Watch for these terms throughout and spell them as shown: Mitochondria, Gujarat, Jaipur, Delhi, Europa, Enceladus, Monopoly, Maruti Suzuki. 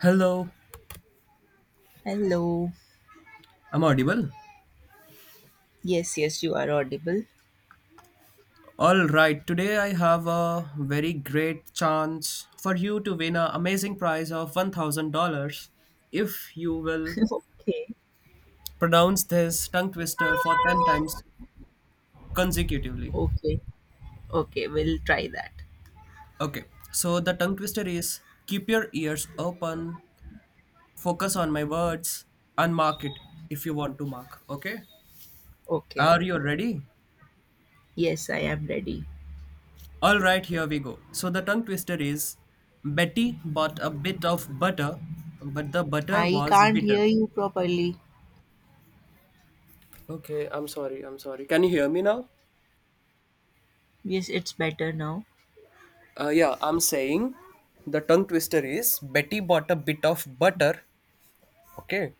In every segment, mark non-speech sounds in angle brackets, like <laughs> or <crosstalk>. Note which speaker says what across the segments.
Speaker 1: Hello,
Speaker 2: Hello.
Speaker 1: I'm audible.
Speaker 2: Yes, yes, you are audible.
Speaker 1: All right, today I have a very great chance for you to win an amazing prize of $1,000 if you will
Speaker 2: <laughs> okay.
Speaker 1: pronounce this tongue twister for 10 times consecutively.
Speaker 2: Okay. Okay, we'll try that.
Speaker 1: Okay, so the tongue twister is keep your ears open, focus on my words, and mark it if you want to mark. Okay,
Speaker 2: Okay.
Speaker 1: are you ready?
Speaker 2: Yes, I am ready.
Speaker 1: All right, here we go. So the tongue twister is Betty bought a bit of butter, but the butter
Speaker 2: I
Speaker 1: was
Speaker 2: can't
Speaker 1: bitter.
Speaker 2: hear you properly.
Speaker 1: Okay, I'm sorry. I'm sorry. Can you hear me now?
Speaker 2: Yes, it's better now.
Speaker 1: Yeah, I'm saying the tongue twister is Betty bought a bit of butter. Okay.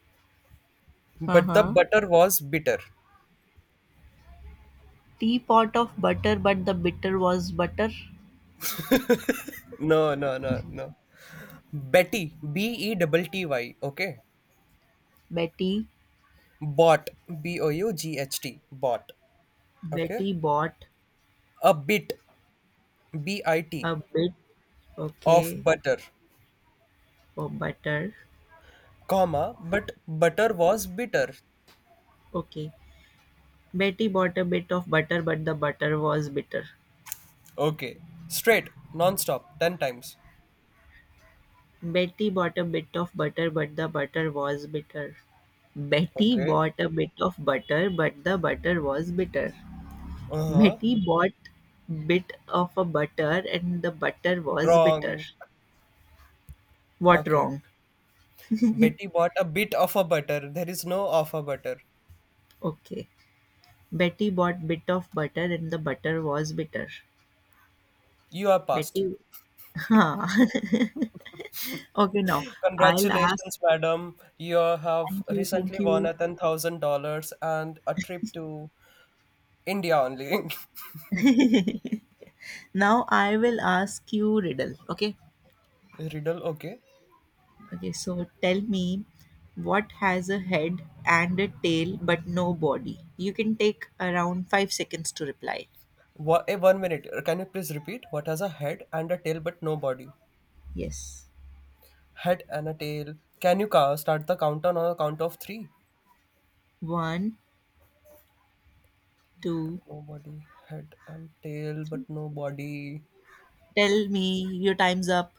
Speaker 1: But the
Speaker 2: Uh-huh.
Speaker 1: butter was bitter.
Speaker 2: Teapot of butter, but the bitter was butter.
Speaker 1: No, no, no, no. Betty, B-E-double-T-Y. Okay.
Speaker 2: Betty.
Speaker 1: Bought, B O U G H T. Bought. Okay.
Speaker 2: Betty bought
Speaker 1: A bit, B I T,
Speaker 2: a bit.
Speaker 1: of
Speaker 2: Okay.
Speaker 1: butter.
Speaker 2: Of butter.
Speaker 1: Comma, but butter was bitter.
Speaker 2: Okay. Betty bought a bit of butter, but the butter was bitter.
Speaker 1: Okay. Straight, non-stop, 10 times.
Speaker 2: Betty bought a bit of butter, but the butter was bitter. Betty
Speaker 1: Okay.
Speaker 2: bought a bit of butter, but the butter was bitter.
Speaker 1: Uh-huh.
Speaker 2: Betty bought bit of a butter and the butter was bitter.
Speaker 1: Wrong.
Speaker 2: What
Speaker 1: Okay.
Speaker 2: wrong?
Speaker 1: Betty bought a bit of a butter. There is no of a butter.
Speaker 2: Okay. Betty bought bit of butter and the butter was bitter.
Speaker 1: You are passed.
Speaker 2: Betty. Huh. <laughs> Okay, now I'll ask,
Speaker 1: Congratulations, madam. You have
Speaker 2: thank you, thank
Speaker 1: recently won
Speaker 2: you.
Speaker 1: a $10,000 and a trip to India only. <laughs>
Speaker 2: Now I will ask you riddle. Okay.
Speaker 1: Riddle, okay.
Speaker 2: Okay, so tell me, what has a head and a tail but no body? You can take around 5 seconds to reply.
Speaker 1: What, 1 minute. Can you please repeat? What has a head and a tail but no body?
Speaker 2: Yes.
Speaker 1: Head and a tail. Can you start the countdown on a count of three?
Speaker 2: One,
Speaker 1: But
Speaker 2: two,
Speaker 1: nobody. Head and tail,
Speaker 2: three.
Speaker 1: but nobody.
Speaker 2: Tell me your time's up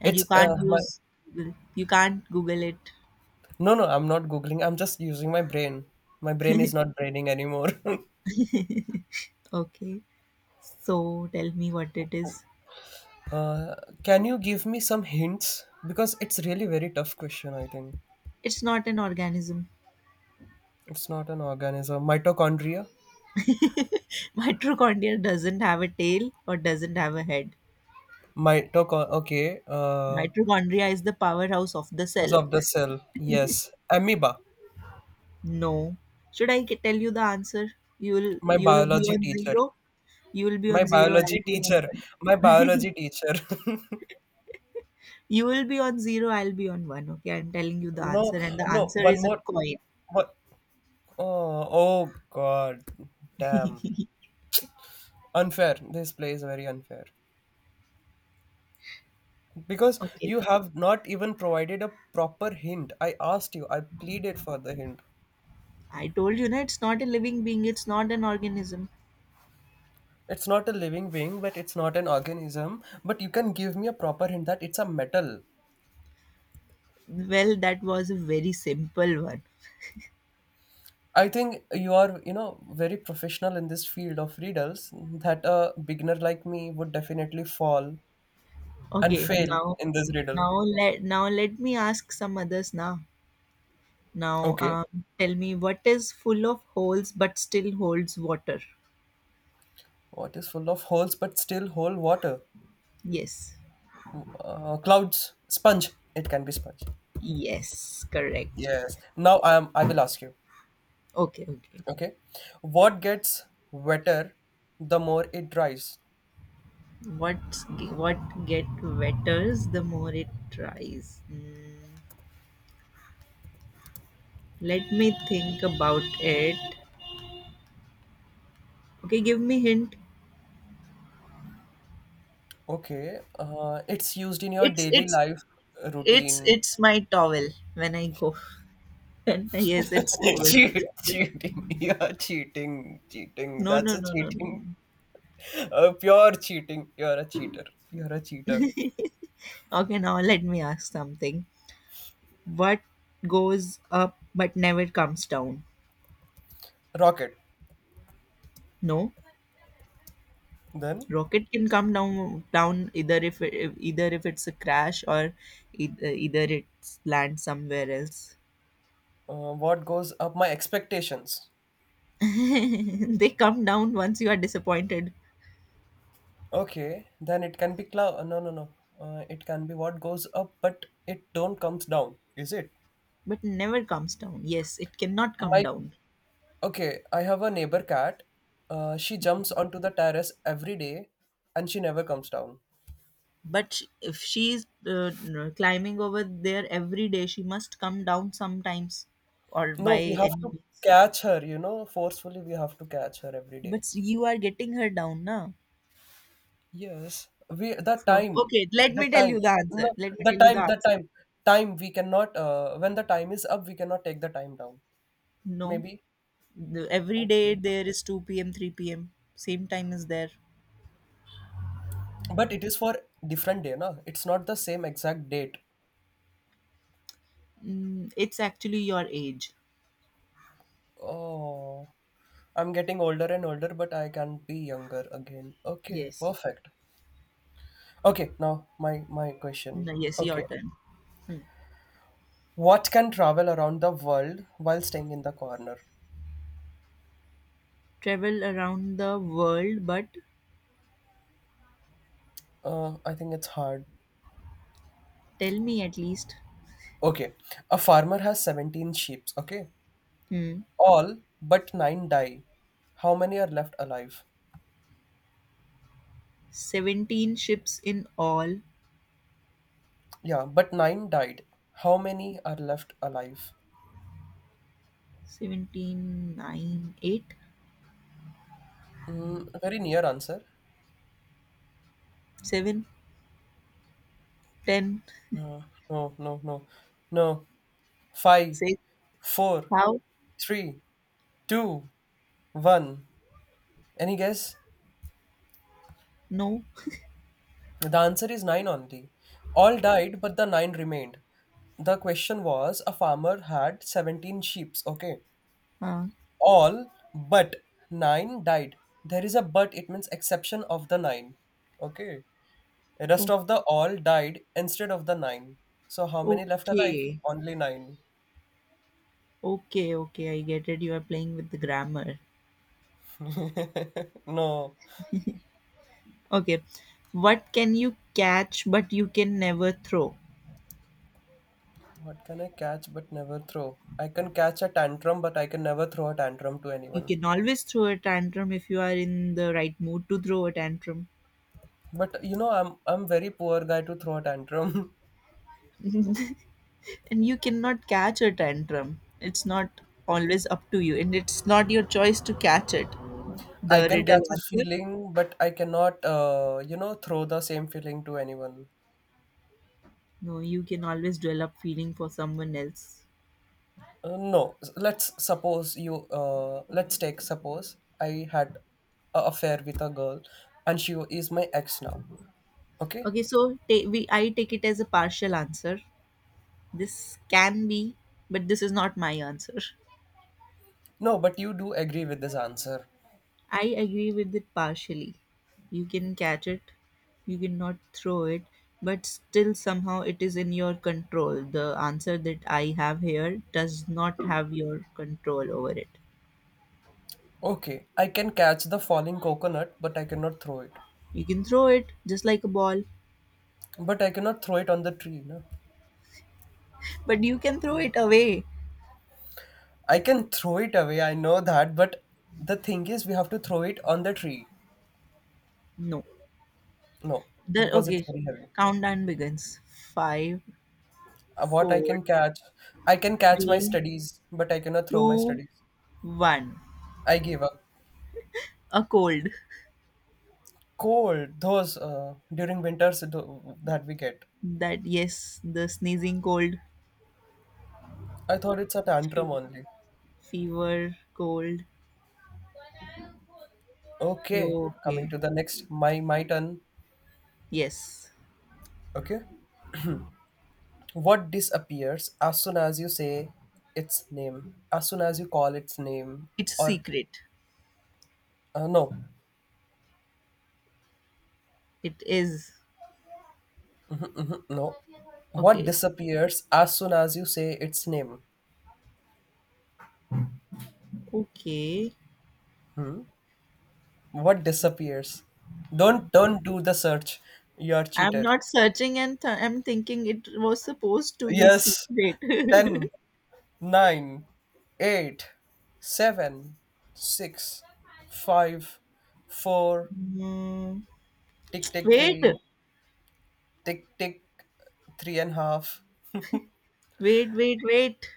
Speaker 2: and you
Speaker 1: It's
Speaker 2: can't
Speaker 1: uh, my.
Speaker 2: use Google. You can't Google it.
Speaker 1: No, no, I'm not googling. I'm just using my brain. My brain is not braining anymore.
Speaker 2: Okay. So tell me what it is.
Speaker 1: <laughs> uh, can you give me some hints? Because it's really very tough question. I think
Speaker 2: It's not an organism.
Speaker 1: it's not an organism. Mitochondria.
Speaker 2: <laughs> Mitochondria doesn't have a tail or doesn't have a head.
Speaker 1: Mitochon. Okay.
Speaker 2: Mitochondria is the powerhouse of the
Speaker 1: House
Speaker 2: cell.
Speaker 1: of the cell. Yes. Amoeba.
Speaker 2: No. Should I tell you the answer? You'll
Speaker 1: My
Speaker 2: you'll be
Speaker 1: biology
Speaker 2: on
Speaker 1: teacher.
Speaker 2: zero. You'll be
Speaker 1: My
Speaker 2: on zero. I'll
Speaker 1: biology
Speaker 2: be on
Speaker 1: teacher,
Speaker 2: one.
Speaker 1: my
Speaker 2: <laughs>
Speaker 1: biology teacher. <laughs>
Speaker 2: You will be on zero. I'll be on one. Okay, I'm telling you the answer,
Speaker 1: No,
Speaker 2: and the
Speaker 1: no,
Speaker 2: answer
Speaker 1: one
Speaker 2: is a
Speaker 1: more.
Speaker 2: coin.
Speaker 1: What? Oh, oh God, damn.
Speaker 2: <laughs>
Speaker 1: Unfair. This play is very unfair. Because
Speaker 2: Okay,
Speaker 1: you have not even provided a proper hint. I asked you, I pleaded for the hint.
Speaker 2: I told you na, it's not a living being. It's not an organism.
Speaker 1: It's not a living being, but it's not an organism. But you can give me a proper hint that it's a metal.
Speaker 2: Well, that was a very simple one.
Speaker 1: I think you are, very professional in this field of riddles that a beginner like me would definitely fall and
Speaker 2: Okay,
Speaker 1: fail
Speaker 2: now
Speaker 1: in this riddle.
Speaker 2: now now let me ask some others now. Now,
Speaker 1: Okay.
Speaker 2: tell me what is full of holes but still holds water.
Speaker 1: What is full of holes but still whole water?
Speaker 2: Yes.
Speaker 1: Clouds, sponge. It can be sponge.
Speaker 2: Yes, correct.
Speaker 1: Yes. Now I am. I will ask you.
Speaker 2: Okay, okay.
Speaker 1: Okay. What gets wetter the more it dries?
Speaker 2: What get wetters the more it tries? Let me think about it. Okay, give me hint.
Speaker 1: Okay. It's used in your
Speaker 2: It's
Speaker 1: daily
Speaker 2: it's
Speaker 1: life
Speaker 2: it's
Speaker 1: routine.
Speaker 2: it's my towel when I go. <laughs> Yes, it's
Speaker 1: <laughs>
Speaker 2: towel.
Speaker 1: Cheat, cheating. You're cheating. Cheating.
Speaker 2: No,
Speaker 1: That's
Speaker 2: no,
Speaker 1: a
Speaker 2: no, no,
Speaker 1: cheating.
Speaker 2: no.
Speaker 1: Pure cheating. You're a cheater.
Speaker 2: Okay, now let me ask something. What goes up but never comes down?
Speaker 1: Rocket.
Speaker 2: No.
Speaker 1: Then
Speaker 2: Rocket can come down either if it's a crash, or either it's land somewhere else.
Speaker 1: what goes up my expectations.
Speaker 2: <laughs> They come down once you are disappointed.
Speaker 1: Okay, then it can be cloud, no, no, no. It can be, what goes up but it don't comes down. Is it?
Speaker 2: But never comes down, yes, it cannot come
Speaker 1: My,
Speaker 2: down.
Speaker 1: okay, I have a neighbor cat. She jumps onto the terrace every day and she never comes down.
Speaker 2: But if she is climbing over there every day, she must come down sometimes, or
Speaker 1: No,
Speaker 2: by
Speaker 1: we have
Speaker 2: any
Speaker 1: to
Speaker 2: means.
Speaker 1: catch her, you know, forcefully. We have to catch her every
Speaker 2: but
Speaker 1: day.
Speaker 2: s- you are getting her down now.
Speaker 1: Yes, we, the
Speaker 2: So,
Speaker 1: time,
Speaker 2: okay,
Speaker 1: the time, no,
Speaker 2: let me
Speaker 1: the
Speaker 2: tell you the
Speaker 1: time, the
Speaker 2: answer.
Speaker 1: time, time we cannot, when the time is up we cannot take the time down,
Speaker 2: No.
Speaker 1: maybe.
Speaker 2: Every day
Speaker 1: Okay.
Speaker 2: there is 2 p.m, 3 p.m, same time is there.
Speaker 1: But it is for different day, na? It's not the same exact date.
Speaker 2: It's actually your age.
Speaker 1: Oh. I'm getting older and older, but I can be younger again. Okay,
Speaker 2: Yes.
Speaker 1: perfect. Okay, now my question.
Speaker 2: No, yes, your
Speaker 1: Okay.
Speaker 2: turn. Hmm.
Speaker 1: What can travel around the world while staying in the corner?
Speaker 2: Travel around the world, but
Speaker 1: I think it's hard.
Speaker 2: tell me at least.
Speaker 1: Okay. A farmer has 17 sheep, okay?
Speaker 2: hmm,
Speaker 1: All but 9 die. How many are left alive?
Speaker 2: 17 ships in all.
Speaker 1: Yeah, but 9 died. How many are left alive?
Speaker 2: 17, nine, eight,
Speaker 1: Mm, a very near answer.
Speaker 2: seven, ten,
Speaker 1: No, no, no, no, no. Five,
Speaker 2: 6.
Speaker 1: four,
Speaker 2: How?
Speaker 1: three, two, one. Any guess?
Speaker 2: No.
Speaker 1: The answer is nine only. All died, but the nine remained. The question was a farmer had 17 sheep, okay?
Speaker 2: uh,
Speaker 1: All but nine died. There is a but, it means exception of the nine, okay? The rest
Speaker 2: oh,
Speaker 1: of the all died instead of the nine. So, how many left alive?
Speaker 2: okay,
Speaker 1: Only nine.
Speaker 2: okay, okay, I get it, you are playing with the grammar.
Speaker 1: <laughs> no.
Speaker 2: Okay. What can you catch but you can never throw?
Speaker 1: What can I catch but never throw? I can catch a tantrum, but I can never throw a tantrum to
Speaker 2: You
Speaker 1: anyone.
Speaker 2: can always throw a tantrum if you are in the right mood to throw a tantrum.
Speaker 1: But you know, I'm very poor guy to throw a tantrum.
Speaker 2: <laughs> And you cannot catch a tantrum. It's not always up to you, and it's not your choice to catch it.
Speaker 1: <laughs> I
Speaker 2: The
Speaker 1: can
Speaker 2: riddle
Speaker 1: catch a
Speaker 2: answer?
Speaker 1: feeling, but I cannot, throw the same feeling to anyone.
Speaker 2: No, you can always develop feeling for someone else.
Speaker 1: No, let's suppose you. Let's take suppose I had a affair with a girl, and she is my ex now. Okay.
Speaker 2: Okay, so I take it as a partial answer. This can be, but this is not my answer.
Speaker 1: No, but you do agree with this answer.
Speaker 2: I agree with it partially. You can catch it, you cannot throw it, but still somehow it is in your control. The answer that I have here does not have your control over it.
Speaker 1: Okay, I can catch the falling coconut, but I cannot throw it.
Speaker 2: You can throw it just like a ball,
Speaker 1: But I cannot throw it on the tree. No?
Speaker 2: but you can throw it away.
Speaker 1: I can throw it away, I know that, but the thing is, we have to throw it on the tree.
Speaker 2: No.
Speaker 1: No,
Speaker 2: The
Speaker 1: because it's
Speaker 2: Okay,
Speaker 1: very heavy.
Speaker 2: countdown begins. Five,
Speaker 1: What
Speaker 2: four,
Speaker 1: I can catch my
Speaker 2: three,
Speaker 1: studies, but I cannot throw my
Speaker 2: two,
Speaker 1: studies.
Speaker 2: one.
Speaker 1: I gave up.
Speaker 2: A cold.
Speaker 1: Cold, those during winters that we get.
Speaker 2: That, yes, the sneezing cold,
Speaker 1: I thought it's a
Speaker 2: fe-
Speaker 1: tantrum only.
Speaker 2: fever cold.
Speaker 1: Okay, coming
Speaker 2: Okay.
Speaker 1: to the next, my turn.
Speaker 2: Yes.
Speaker 1: Okay. What disappears as soon as you say its name, as soon as you call its name,
Speaker 2: It's
Speaker 1: or
Speaker 2: secret.
Speaker 1: no.
Speaker 2: It is.
Speaker 1: <laughs> <clears throat> No. What
Speaker 2: Okay.
Speaker 1: disappears as soon as you say its name?
Speaker 2: Okay.
Speaker 1: What disappears? Don't do the search. You're
Speaker 2: I'm
Speaker 1: cheater.
Speaker 2: not searching, and I'm thinking it was supposed to be
Speaker 1: Yes.
Speaker 2: secret.
Speaker 1: Ten,
Speaker 2: <laughs>
Speaker 1: nine, eight, seven, six, five, four. 9, 8, 7,
Speaker 2: Hmm.
Speaker 1: tick tick
Speaker 2: Wait.
Speaker 1: 3, tick tick three and a half,
Speaker 2: Wait, wait, wait.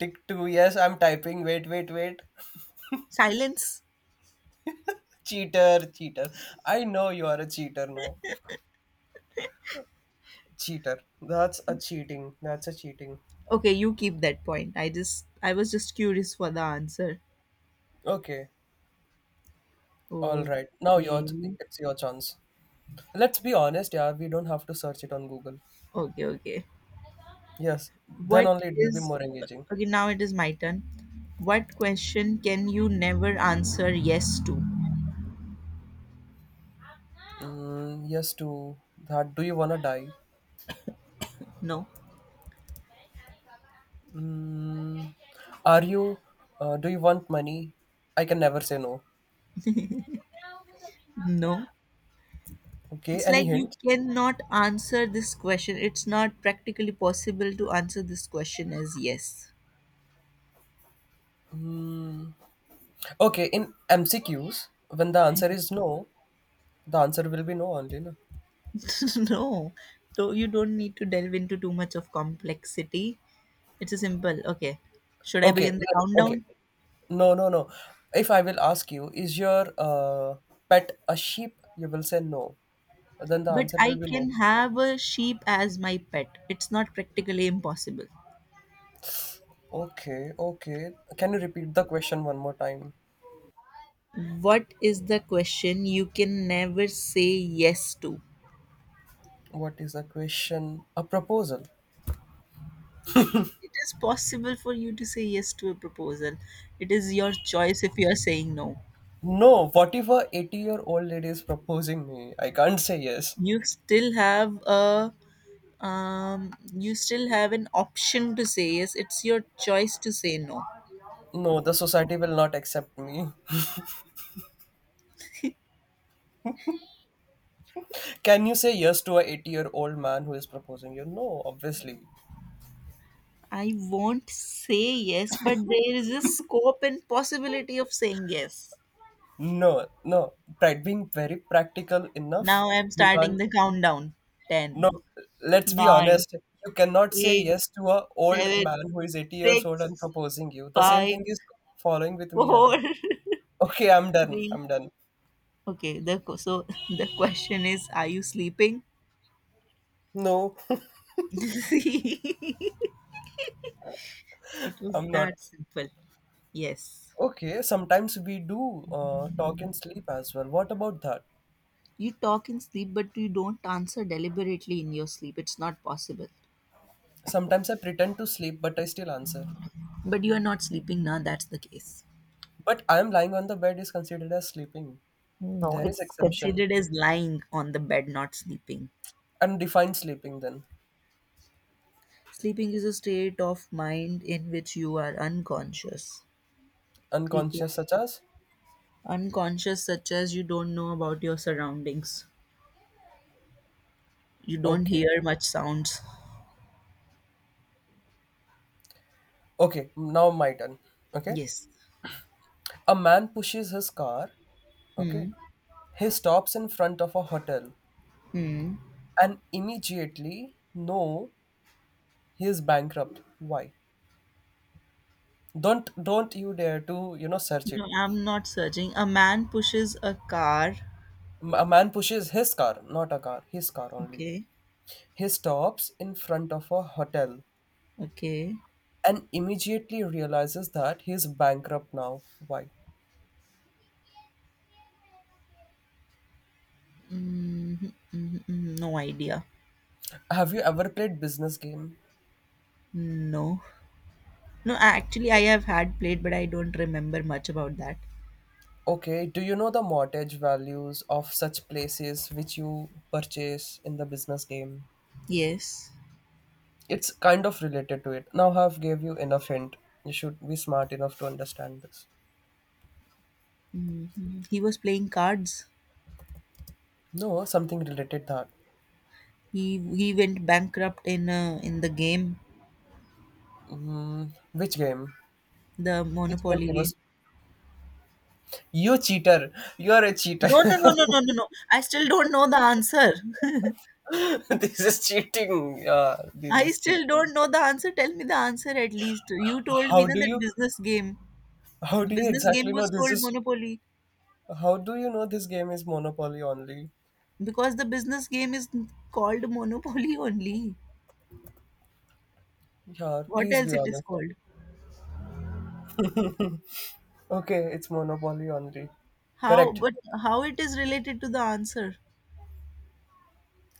Speaker 1: tick two. Yes, I'm typing. Wait, wait, wait. <laughs>
Speaker 2: Silence.
Speaker 1: Cheater, cheater. I know you are a cheater now. Cheater. That's a cheating. That's a cheating.
Speaker 2: Okay, you keep that point. I just, I was just curious for the answer.
Speaker 1: Okay. All right. Now your,
Speaker 2: Okay.
Speaker 1: it's your chance. Let's be honest, yeah. We don't have to search it on Google.
Speaker 2: Okay, okay.
Speaker 1: Yes. Then
Speaker 2: What
Speaker 1: only it will be
Speaker 2: is
Speaker 1: more engaging.
Speaker 2: Okay, now it is my turn. What question can you never answer yes to?
Speaker 1: Mm, yes to that. Do you wanna die?
Speaker 2: No.
Speaker 1: Mm, are you? Do you want money? I can never say no.
Speaker 2: No.
Speaker 1: Okay.
Speaker 2: It's like
Speaker 1: Any
Speaker 2: you
Speaker 1: hint?
Speaker 2: cannot answer this question. It's not practically possible to answer this question as yes.
Speaker 1: Okay, in MCQs, when the answer is no, the answer will be no only, no?
Speaker 2: <laughs> No. So you don't need to delve into too much of complexity. It's a simple, okay. Should I
Speaker 1: Okay,
Speaker 2: begin the
Speaker 1: okay.
Speaker 2: countdown?
Speaker 1: No, no, no. If I will ask you, is your pet a sheep? You will say no. Then the
Speaker 2: But
Speaker 1: answer will
Speaker 2: I
Speaker 1: be
Speaker 2: can
Speaker 1: no.
Speaker 2: have a sheep as my pet. It's not practically impossible.
Speaker 1: Okay, okay. Can you repeat the question one more time?
Speaker 2: What is the question you can never say yes to?
Speaker 1: What is the question? A proposal.
Speaker 2: It is possible for you to say yes to a proposal. It is your choice if you are saying no.
Speaker 1: No, what if a 80-year-old lady is proposing me? I can't say yes.
Speaker 2: You still have an option to say yes, it's your choice to say no.
Speaker 1: No, the society will not accept me. Can you say yes to a 80-year-old man who is proposing you? No, obviously.
Speaker 2: I won't say yes, but there is a scope and possibility of saying yes.
Speaker 1: No, no. Being very practical enough,
Speaker 2: Now, I'm
Speaker 1: you
Speaker 2: starting
Speaker 1: can't.
Speaker 2: the countdown. Ten,
Speaker 1: No, let's be
Speaker 2: nine,
Speaker 1: honest. You cannot say
Speaker 2: eight,
Speaker 1: yes to a old
Speaker 2: seven,
Speaker 1: man who is 80 years old and
Speaker 2: six,
Speaker 1: proposing you. The same
Speaker 2: five,
Speaker 1: thing is following with me as
Speaker 2: four, <laughs>
Speaker 1: well.
Speaker 2: 3.
Speaker 1: Okay, I'm done. I'm done.
Speaker 2: Okay, so, <laughs> the question is, are you sleeping?
Speaker 1: No,
Speaker 2: <laughs> It
Speaker 1: <laughs>
Speaker 2: was
Speaker 1: I'm not.
Speaker 2: that simple. Yes.
Speaker 1: Okay, sometimes we do talk and sleep as well. What about that?
Speaker 2: You talk in sleep, but you don't answer deliberately in your sleep. It's not possible.
Speaker 1: Sometimes I pretend to sleep, but I still answer.
Speaker 2: But you are not sleeping now, that's the case.
Speaker 1: But I'm lying on the bed is considered as sleeping.
Speaker 2: No,
Speaker 1: There is
Speaker 2: it's con-
Speaker 1: exemption.
Speaker 2: Considered as lying on the bed, not sleeping.
Speaker 1: Undefined sleeping then.
Speaker 2: Sleeping is a state of mind in which you are unconscious. You can
Speaker 1: Unconscious such as?
Speaker 2: Unconscious such as you don't know about your surroundings. You don't
Speaker 1: Okay.
Speaker 2: hear much sounds.
Speaker 1: Okay, now my turn. Okay.
Speaker 2: Yes.
Speaker 1: A man pushes his car.
Speaker 2: Hmm.
Speaker 1: Okay. He stops in front of a hotel
Speaker 2: Hmm.
Speaker 1: and immediately no, he is bankrupt. Why? Don't you dare to, you know, search
Speaker 2: No,
Speaker 1: it.
Speaker 2: I'm not searching. A man pushes a car.
Speaker 1: A man pushes his car, not a car, his car only.
Speaker 2: Okay.
Speaker 1: He stops in front of a hotel
Speaker 2: Okay.
Speaker 1: and immediately realizes that he's bankrupt now. Why?
Speaker 2: Mhm, mhm, mhm. No idea.
Speaker 1: Have you ever played business game?
Speaker 2: No. No, actually, I have had played, but I don't remember much about that.
Speaker 1: Okay, do you know the mortgage values of such places which you purchase in the business game?
Speaker 2: Yes.
Speaker 1: It's kind of related to it. Now have gave you enough hint. You should be smart enough to understand this.
Speaker 2: He was playing cards.
Speaker 1: No, something related that.
Speaker 2: He he went bankrupt in the game,
Speaker 1: Mm, which game?
Speaker 2: the
Speaker 1: Which game
Speaker 2: Monopoly
Speaker 1: he
Speaker 2: game.
Speaker 1: was? You cheater! You are a cheater.
Speaker 2: No, no, no, no, no, no, no. I still don't know the answer. <laughs>
Speaker 1: <laughs> This is cheating. Yeah, this
Speaker 2: I
Speaker 1: is
Speaker 2: still
Speaker 1: cheating.
Speaker 2: don't know the answer. Tell me the answer at least. You told me
Speaker 1: How
Speaker 2: na,
Speaker 1: do
Speaker 2: that
Speaker 1: you?
Speaker 2: business game.
Speaker 1: How
Speaker 2: The
Speaker 1: do you
Speaker 2: business game
Speaker 1: exactly know
Speaker 2: was
Speaker 1: this
Speaker 2: called
Speaker 1: is?
Speaker 2: Monopoly,
Speaker 1: How do you know this game is Monopoly only?
Speaker 2: because the business game is called Monopoly <laughs> only.
Speaker 1: Yeah,
Speaker 2: What
Speaker 1: please
Speaker 2: else
Speaker 1: be
Speaker 2: it is
Speaker 1: honest.
Speaker 2: called?
Speaker 1: Okay, it's Monopoly only.
Speaker 2: How
Speaker 1: Correct.
Speaker 2: but how it is related to the answer?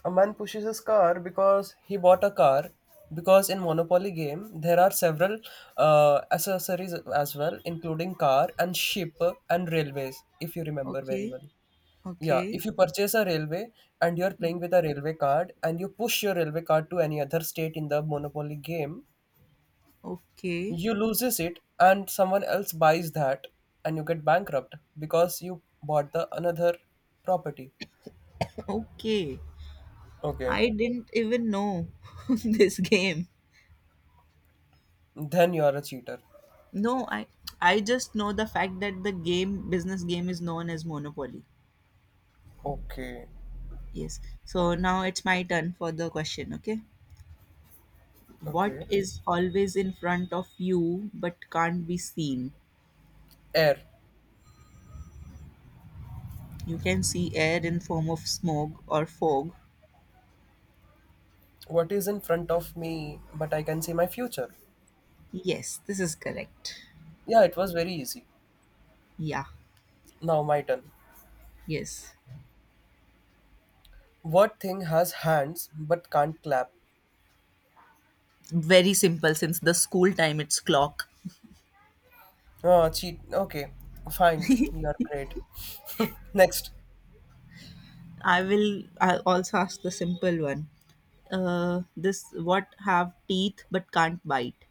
Speaker 1: A man pushes his car because he bought a car. Because in Monopoly game, there are several accessories as well, including car and ship and railways, if you remember very
Speaker 2: Okay,
Speaker 1: well. Yeah,
Speaker 2: okay,
Speaker 1: if you purchase a railway and you're playing with a railway card and you push your railway card to any other state in the Monopoly game,
Speaker 2: okay,
Speaker 1: you loses it and someone else buys that and you get bankrupt because you bought the another property.
Speaker 2: okay.
Speaker 1: Okay,
Speaker 2: I didn't even know <laughs> this game.
Speaker 1: then you are a cheater.
Speaker 2: No, I just know the fact that the game, business game, is known as Monopoly.
Speaker 1: Okay,
Speaker 2: Yes. So now it's my turn for the question, okay?
Speaker 1: okay.
Speaker 2: What is always in front of you but can't be seen?
Speaker 1: Air.
Speaker 2: You can see air in form of smoke or fog.
Speaker 1: What is in front of me, but I can see my future.
Speaker 2: Yes, this is correct.
Speaker 1: Yeah, it was very easy.
Speaker 2: Yeah.
Speaker 1: Now my turn.
Speaker 2: Yes,
Speaker 1: What thing has hands but can't clap?
Speaker 2: very simple, since the school time it's clock.
Speaker 1: Oh, cheat. Okay, fine, you're great. <laughs> Next.
Speaker 2: I will, I also ask the simple one. This what have teeth but can't bite?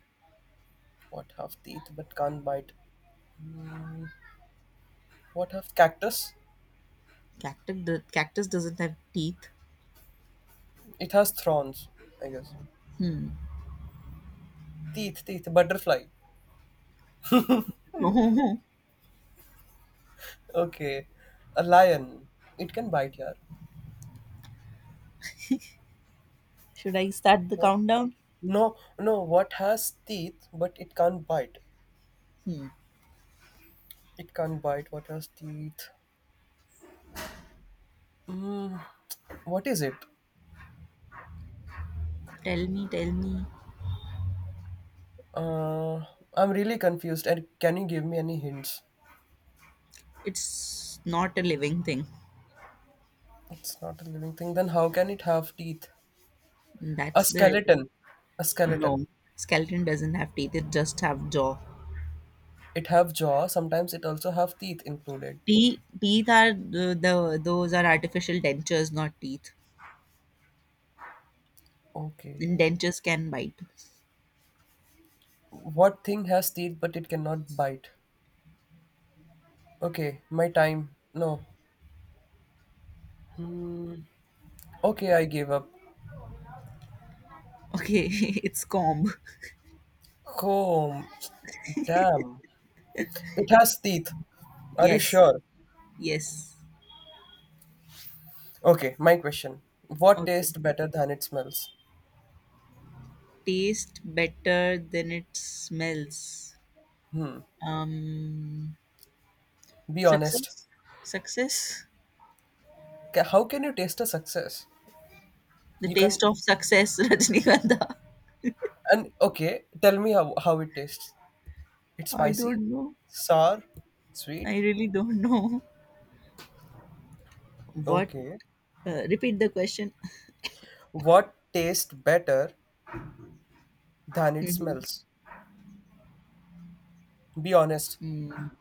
Speaker 1: What have teeth but can't bite? What have, cactus?
Speaker 2: Cactus, the cactus doesn't have teeth.
Speaker 1: It has thorns, I guess.
Speaker 2: Hmm.
Speaker 1: Teeth, teeth, butterfly.
Speaker 2: <laughs>
Speaker 1: Okay. A lion. It can bite, yeah.
Speaker 2: Should I start the
Speaker 1: What?
Speaker 2: countdown?
Speaker 1: No, no, what has teeth but it can't bite?
Speaker 2: Hmm.
Speaker 1: It can't bite. What has teeth? Mm, what is it?
Speaker 2: Tell me, tell me.
Speaker 1: Uh, I'm really confused. And can you give me any hints?
Speaker 2: It's not a living thing.
Speaker 1: It's not a living thing. Then how can it have teeth? A
Speaker 2: That's the riddle.
Speaker 1: skeleton. A skeleton.
Speaker 2: No, skeleton doesn't have teeth. It just have jaw.
Speaker 1: It have jaw. Sometimes it also have teeth included.
Speaker 2: Teeth, teeth are the those are artificial dentures, not teeth.
Speaker 1: Okay.
Speaker 2: Dentures can bite.
Speaker 1: What thing has teeth but it cannot bite? Okay, my time. No. Mm, okay, I gave up.
Speaker 2: Okay, <laughs> it's comb.
Speaker 1: Home. Damn. It has teeth. Are you
Speaker 2: Yes,
Speaker 1: sure?
Speaker 2: yes.
Speaker 1: Okay, my question. What
Speaker 2: Okay.
Speaker 1: tastes better than it smells?
Speaker 2: Taste better than it smells. Um,
Speaker 1: Be honest.
Speaker 2: success? Success?
Speaker 1: How can you taste a success?
Speaker 2: The
Speaker 1: You
Speaker 2: taste
Speaker 1: can.
Speaker 2: of success, <laughs> Rajnikanta.
Speaker 1: And okay, tell me how it tastes. It's
Speaker 2: I
Speaker 1: spicy,
Speaker 2: don't know.
Speaker 1: sour, sweet.
Speaker 2: I really don't know. What?
Speaker 1: Okay.
Speaker 2: Repeat the question. <laughs>
Speaker 1: What tastes better than it
Speaker 2: Mhm.
Speaker 1: smells? Be honest.
Speaker 2: Mm,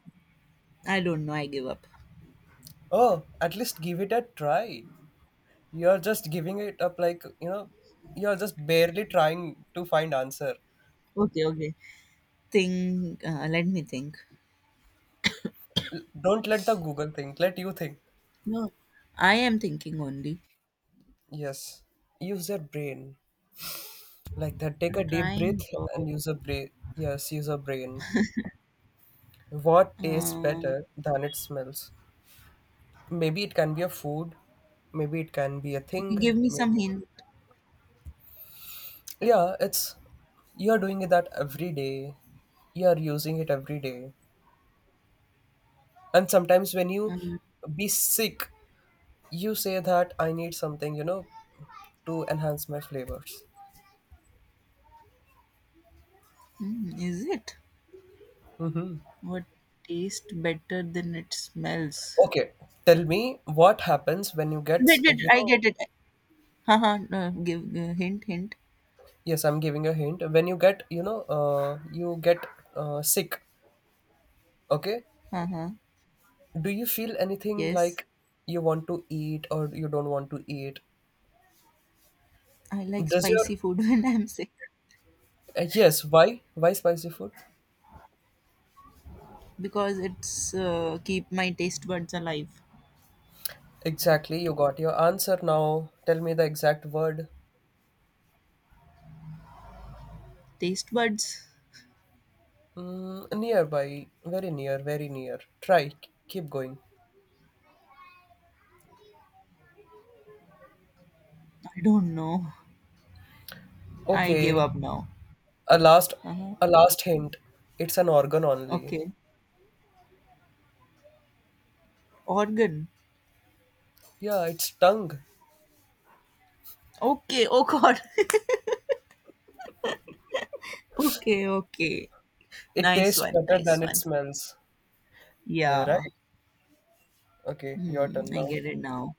Speaker 2: I don't know. I give up.
Speaker 1: Oh, at least give it a try. You're just giving it up like, you're just barely trying to find answer.
Speaker 2: Okay, okay. Think. Let me think.
Speaker 1: Don't let the Google think, let you think.
Speaker 2: No, I am thinking only.
Speaker 1: Yes. Use your brain. Like that, take
Speaker 2: I'm
Speaker 1: a deep breath
Speaker 2: trying. Bro.
Speaker 1: and use a brain. Yes, use a brain. What tastes
Speaker 2: Uh,
Speaker 1: better than it smells? Maybe it can be a food, maybe it can be a
Speaker 2: okay, give
Speaker 1: thing,
Speaker 2: me some
Speaker 1: maybe.
Speaker 2: hint.
Speaker 1: Yeah, it's you're doing it that every day. You're using it every day. And sometimes when you
Speaker 2: Um,
Speaker 1: be sick, you say that I need something to enhance my flavors.
Speaker 2: is it,
Speaker 1: hmm
Speaker 2: what tastes better than it smells?
Speaker 1: Okay, tell me what happens when you get,
Speaker 2: Wait, wait,
Speaker 1: you
Speaker 2: I
Speaker 1: know,
Speaker 2: get it. Haha, no, give hint, hint.
Speaker 1: Yes, I'm giving a hint. When you get sick, okay?
Speaker 2: Uh-huh.
Speaker 1: Do you feel anything
Speaker 2: Yes,
Speaker 1: like you want to eat or you don't want to eat?
Speaker 2: I like
Speaker 1: Does your,
Speaker 2: spicy food <laughs> when I'm sick,
Speaker 1: yes, why? Why spicy food?
Speaker 2: because it's keep my taste buds alive.
Speaker 1: Exactly, you got your answer now. Tell me the exact word.
Speaker 2: Taste buds?
Speaker 1: Nearby, very near, very near. Try, keep going.
Speaker 2: I don't know. I give
Speaker 1: Okay,
Speaker 2: up now.
Speaker 1: a last,
Speaker 2: Uh-huh.
Speaker 1: a last hint. It's an organ only.
Speaker 2: Okay. Organ.
Speaker 1: Yeah, it's tongue.
Speaker 2: Okay. Oh God. <laughs> Okay. Okay.
Speaker 1: It
Speaker 2: Nice
Speaker 1: tastes
Speaker 2: one.
Speaker 1: better
Speaker 2: Nice
Speaker 1: than it
Speaker 2: one.
Speaker 1: smells.
Speaker 2: Yeah.
Speaker 1: Right. Okay, your
Speaker 2: Hmm,
Speaker 1: turn
Speaker 2: I
Speaker 1: now.
Speaker 2: get it now.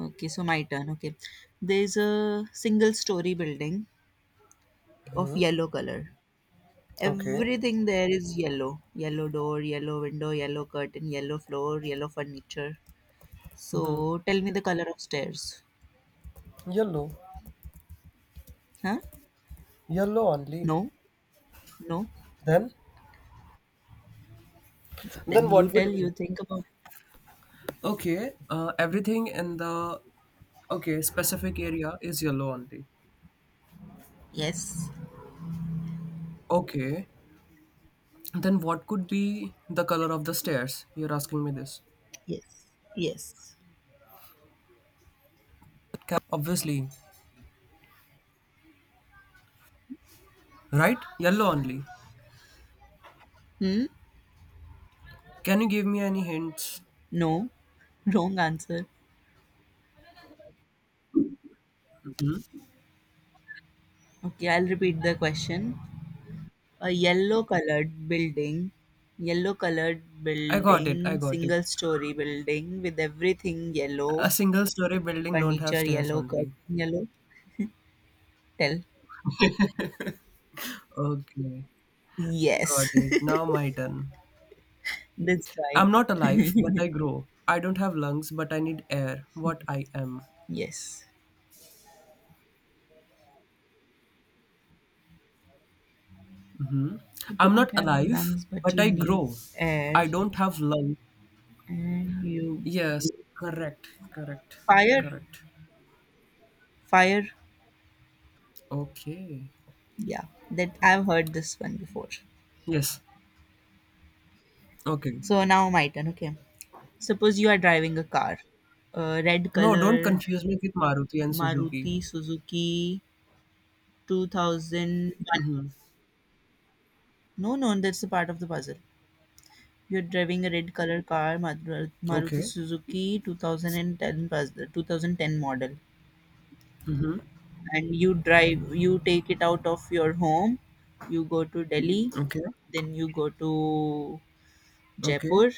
Speaker 2: Okay, so my turn. Okay. There's a single story building of yellow color.
Speaker 1: Okay.
Speaker 2: Everything there is yellow. Yellow door, yellow window, yellow curtain, yellow floor, yellow furniture. So tell me the color of stairs.
Speaker 1: Yellow.
Speaker 2: Huh?
Speaker 1: Yellow only.
Speaker 2: No? No?
Speaker 1: Then?
Speaker 2: Then
Speaker 1: Then
Speaker 2: you
Speaker 1: what
Speaker 2: tell,
Speaker 1: would
Speaker 2: you
Speaker 1: be?
Speaker 2: think about it.
Speaker 1: Okay, everything in the okay specific area is yellow only.
Speaker 2: Yes.
Speaker 1: Okay. Then what could be the color of the stairs? You're asking me this.
Speaker 2: Yes. Yes.
Speaker 1: Obviously, right? Yellow only.
Speaker 2: Hmm?
Speaker 1: Can you give me any hints?
Speaker 2: No. <laughs> Wrong answer. Okay, I'll repeat the question. A yellow colored
Speaker 1: I got it. I
Speaker 2: building,
Speaker 1: got it.
Speaker 2: single story building with everything yellow,
Speaker 1: A single story building don't have
Speaker 2: furniture
Speaker 1: stairs
Speaker 2: yellow,
Speaker 1: only.
Speaker 2: curtain yellow. Tell.
Speaker 1: Okay, got
Speaker 2: Yes,
Speaker 1: it. Now my turn.
Speaker 2: <laughs> that's right.
Speaker 1: I'm not alive, but I grow. I don't have lungs, but I need air. What I am?
Speaker 2: Yes.
Speaker 1: Hmm.
Speaker 2: You
Speaker 1: I'm
Speaker 2: don't
Speaker 1: not
Speaker 2: have
Speaker 1: alive,
Speaker 2: lungs, but
Speaker 1: but
Speaker 2: you
Speaker 1: I
Speaker 2: need
Speaker 1: grow.
Speaker 2: air.
Speaker 1: I don't have lungs.
Speaker 2: And you
Speaker 1: Yes, correct, correct,
Speaker 2: Fire.
Speaker 1: correct.
Speaker 2: Fire.
Speaker 1: Okay.
Speaker 2: Yeah, that I've heard this one before.
Speaker 1: Yes. Okay.
Speaker 2: So now my turn. Okay. Suppose you are driving a car, a red
Speaker 1: No, don't
Speaker 2: color
Speaker 1: confuse me with Maruti and Suzuki.
Speaker 2: Maruti Suzuki 2001.
Speaker 1: Mhm.
Speaker 2: No, no, that's a part of the puzzle. You're driving a red color car, Maruti
Speaker 1: Okay.
Speaker 2: Suzuki 2010 puzzle, 2010 model.
Speaker 1: Mhm.
Speaker 2: And you drive, you take it out of your home, you go to Delhi,
Speaker 1: Okay.
Speaker 2: then you go to
Speaker 1: Okay.
Speaker 2: Jaipur,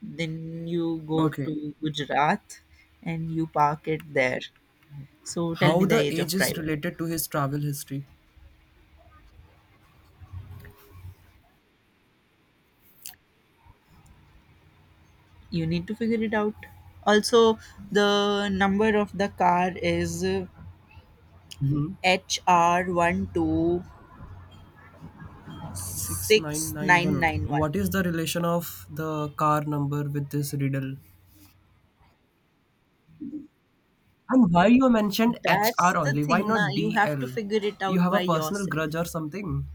Speaker 2: then you go
Speaker 1: Okay.
Speaker 2: to Gujarat, and you park it there. So tell me
Speaker 1: How
Speaker 2: the
Speaker 1: the
Speaker 2: age
Speaker 1: age
Speaker 2: of
Speaker 1: is
Speaker 2: driver.
Speaker 1: related to his travel history?
Speaker 2: You need to figure it out. Also, the number of the car is
Speaker 1: hmm
Speaker 2: HR
Speaker 1: 6991.
Speaker 2: 126991.
Speaker 1: What is the relation of the car number with this riddle? And why you mentioned
Speaker 2: That's
Speaker 1: HR
Speaker 2: the
Speaker 1: only? Why
Speaker 2: thing na.
Speaker 1: not
Speaker 2: You have to
Speaker 1: DL?
Speaker 2: figure it
Speaker 1: You
Speaker 2: out
Speaker 1: have
Speaker 2: by
Speaker 1: a personal grudge
Speaker 2: yourself.
Speaker 1: or something?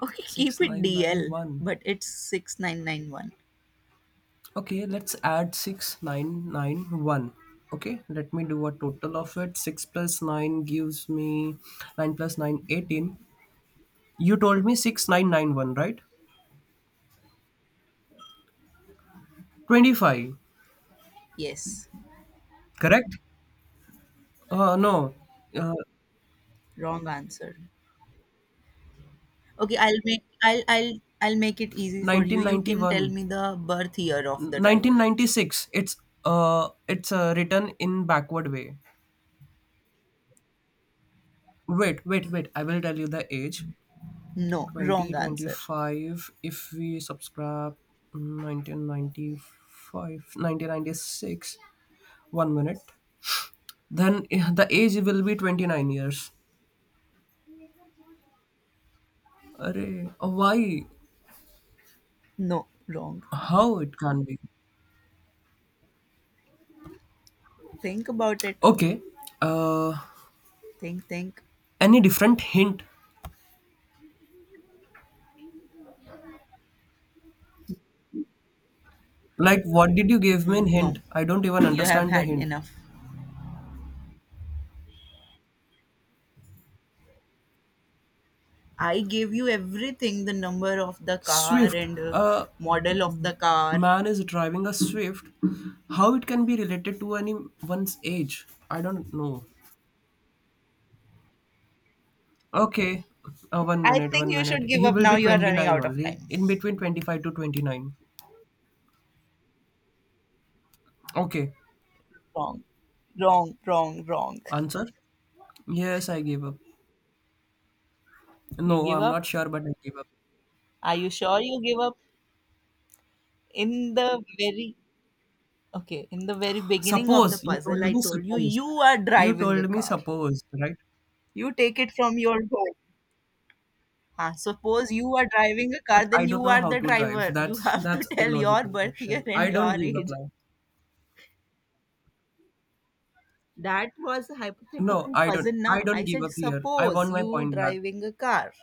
Speaker 2: Okay, keep it DL,
Speaker 1: 6991.
Speaker 2: but it's 6991.
Speaker 1: Okay, let's add 6991. Okay, let me do a total of it. 6 plus 9 gives me 9 plus 9 18. You told me 6991, right? 25,
Speaker 2: Yes.
Speaker 1: correct? No, uh,
Speaker 2: Wrong answer. Okay, I'll make it easy for you.
Speaker 1: nineteen
Speaker 2: You
Speaker 1: ninety
Speaker 2: can tell
Speaker 1: one,
Speaker 2: me the birth year of the driver.
Speaker 1: 1996. It's written in backward way. Wait, wait, wait. I will tell you the age.
Speaker 2: No, wrong answer.
Speaker 1: 2025 if we subscribe 1995, 1996. One minute, then the age will be 29 years. Array, why,
Speaker 2: No, wrong.
Speaker 1: how it can be?
Speaker 2: Think about it.
Speaker 1: Okay, uh
Speaker 2: Think, think.
Speaker 1: any different hint? Like, what did you give me in
Speaker 2: Mm,
Speaker 1: hint?
Speaker 2: no,
Speaker 1: I don't even
Speaker 2: you have
Speaker 1: understand the
Speaker 2: had
Speaker 1: hint.
Speaker 2: enough. I gave you everything, the number of the car
Speaker 1: Swift.
Speaker 2: and
Speaker 1: A
Speaker 2: model of the car.
Speaker 1: man is driving a Swift. How it can be related to anyone's age? I don't know. Okay. One
Speaker 2: I
Speaker 1: minute,
Speaker 2: think
Speaker 1: one
Speaker 2: you should
Speaker 1: minute.
Speaker 2: give
Speaker 1: He
Speaker 2: up
Speaker 1: will
Speaker 2: now.
Speaker 1: be
Speaker 2: You are running
Speaker 1: 29
Speaker 2: out of
Speaker 1: only.
Speaker 2: time.
Speaker 1: In between 25 to 29. Okay.
Speaker 2: Wrong, wrong, wrong, wrong.
Speaker 1: Answer? Yes, I gave up.
Speaker 2: You
Speaker 1: No,
Speaker 2: give
Speaker 1: I'm
Speaker 2: up?
Speaker 1: not sure, but I gave up.
Speaker 2: Are you sure you give up? In the very okay, in the very beginning of the
Speaker 1: Suppose. You told
Speaker 2: puzzle, I
Speaker 1: me
Speaker 2: told you
Speaker 1: suppose.
Speaker 2: you are
Speaker 1: You
Speaker 2: driving a
Speaker 1: told me
Speaker 2: car.
Speaker 1: suppose, right?
Speaker 2: You take it from your home. Ah, suppose you are driving a car,
Speaker 1: But
Speaker 2: then
Speaker 1: I don't
Speaker 2: you
Speaker 1: know
Speaker 2: are
Speaker 1: how
Speaker 2: the
Speaker 1: to drive.
Speaker 2: driver. You
Speaker 1: That's
Speaker 2: have to
Speaker 1: that's a
Speaker 2: tell your
Speaker 1: logical
Speaker 2: birth year
Speaker 1: question.
Speaker 2: and
Speaker 1: I don't
Speaker 2: your
Speaker 1: give up
Speaker 2: age.
Speaker 1: now.
Speaker 2: That was a
Speaker 1: No,
Speaker 2: hypothetical
Speaker 1: I
Speaker 2: puzzle,
Speaker 1: don't. I
Speaker 2: na?
Speaker 1: don't
Speaker 2: I
Speaker 1: give
Speaker 2: said,
Speaker 1: up here. I
Speaker 2: suppose
Speaker 1: want my
Speaker 2: you
Speaker 1: point back.
Speaker 2: driving a car,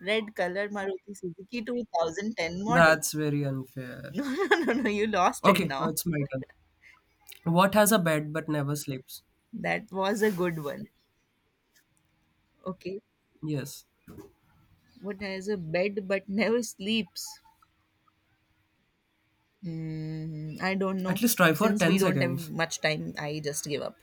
Speaker 2: red color Maruti Suzuki 2010 model. <laughs>
Speaker 1: That's very unfair.
Speaker 2: No, no, no, no, you lost it
Speaker 1: Okay, now
Speaker 2: now.
Speaker 1: it's my turn. What has a bed but never sleeps?
Speaker 2: That was a good one. Okay.
Speaker 1: Yes.
Speaker 2: What has a bed but never sleeps? I don't
Speaker 1: At
Speaker 2: know.
Speaker 1: least try for
Speaker 2: Since we
Speaker 1: 10
Speaker 2: don't have
Speaker 1: seconds.
Speaker 2: much time, I just give up.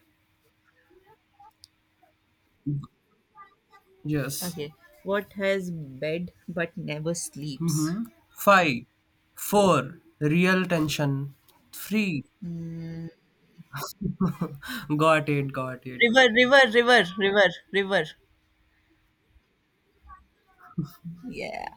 Speaker 1: Yes.
Speaker 2: Okay. What has bed but never sleeps?
Speaker 1: Mm-hmm. Five, four, real tension. Three.
Speaker 2: Hmm.
Speaker 1: <laughs> Got it, got it.
Speaker 2: River, river, river, river, river. Yeah,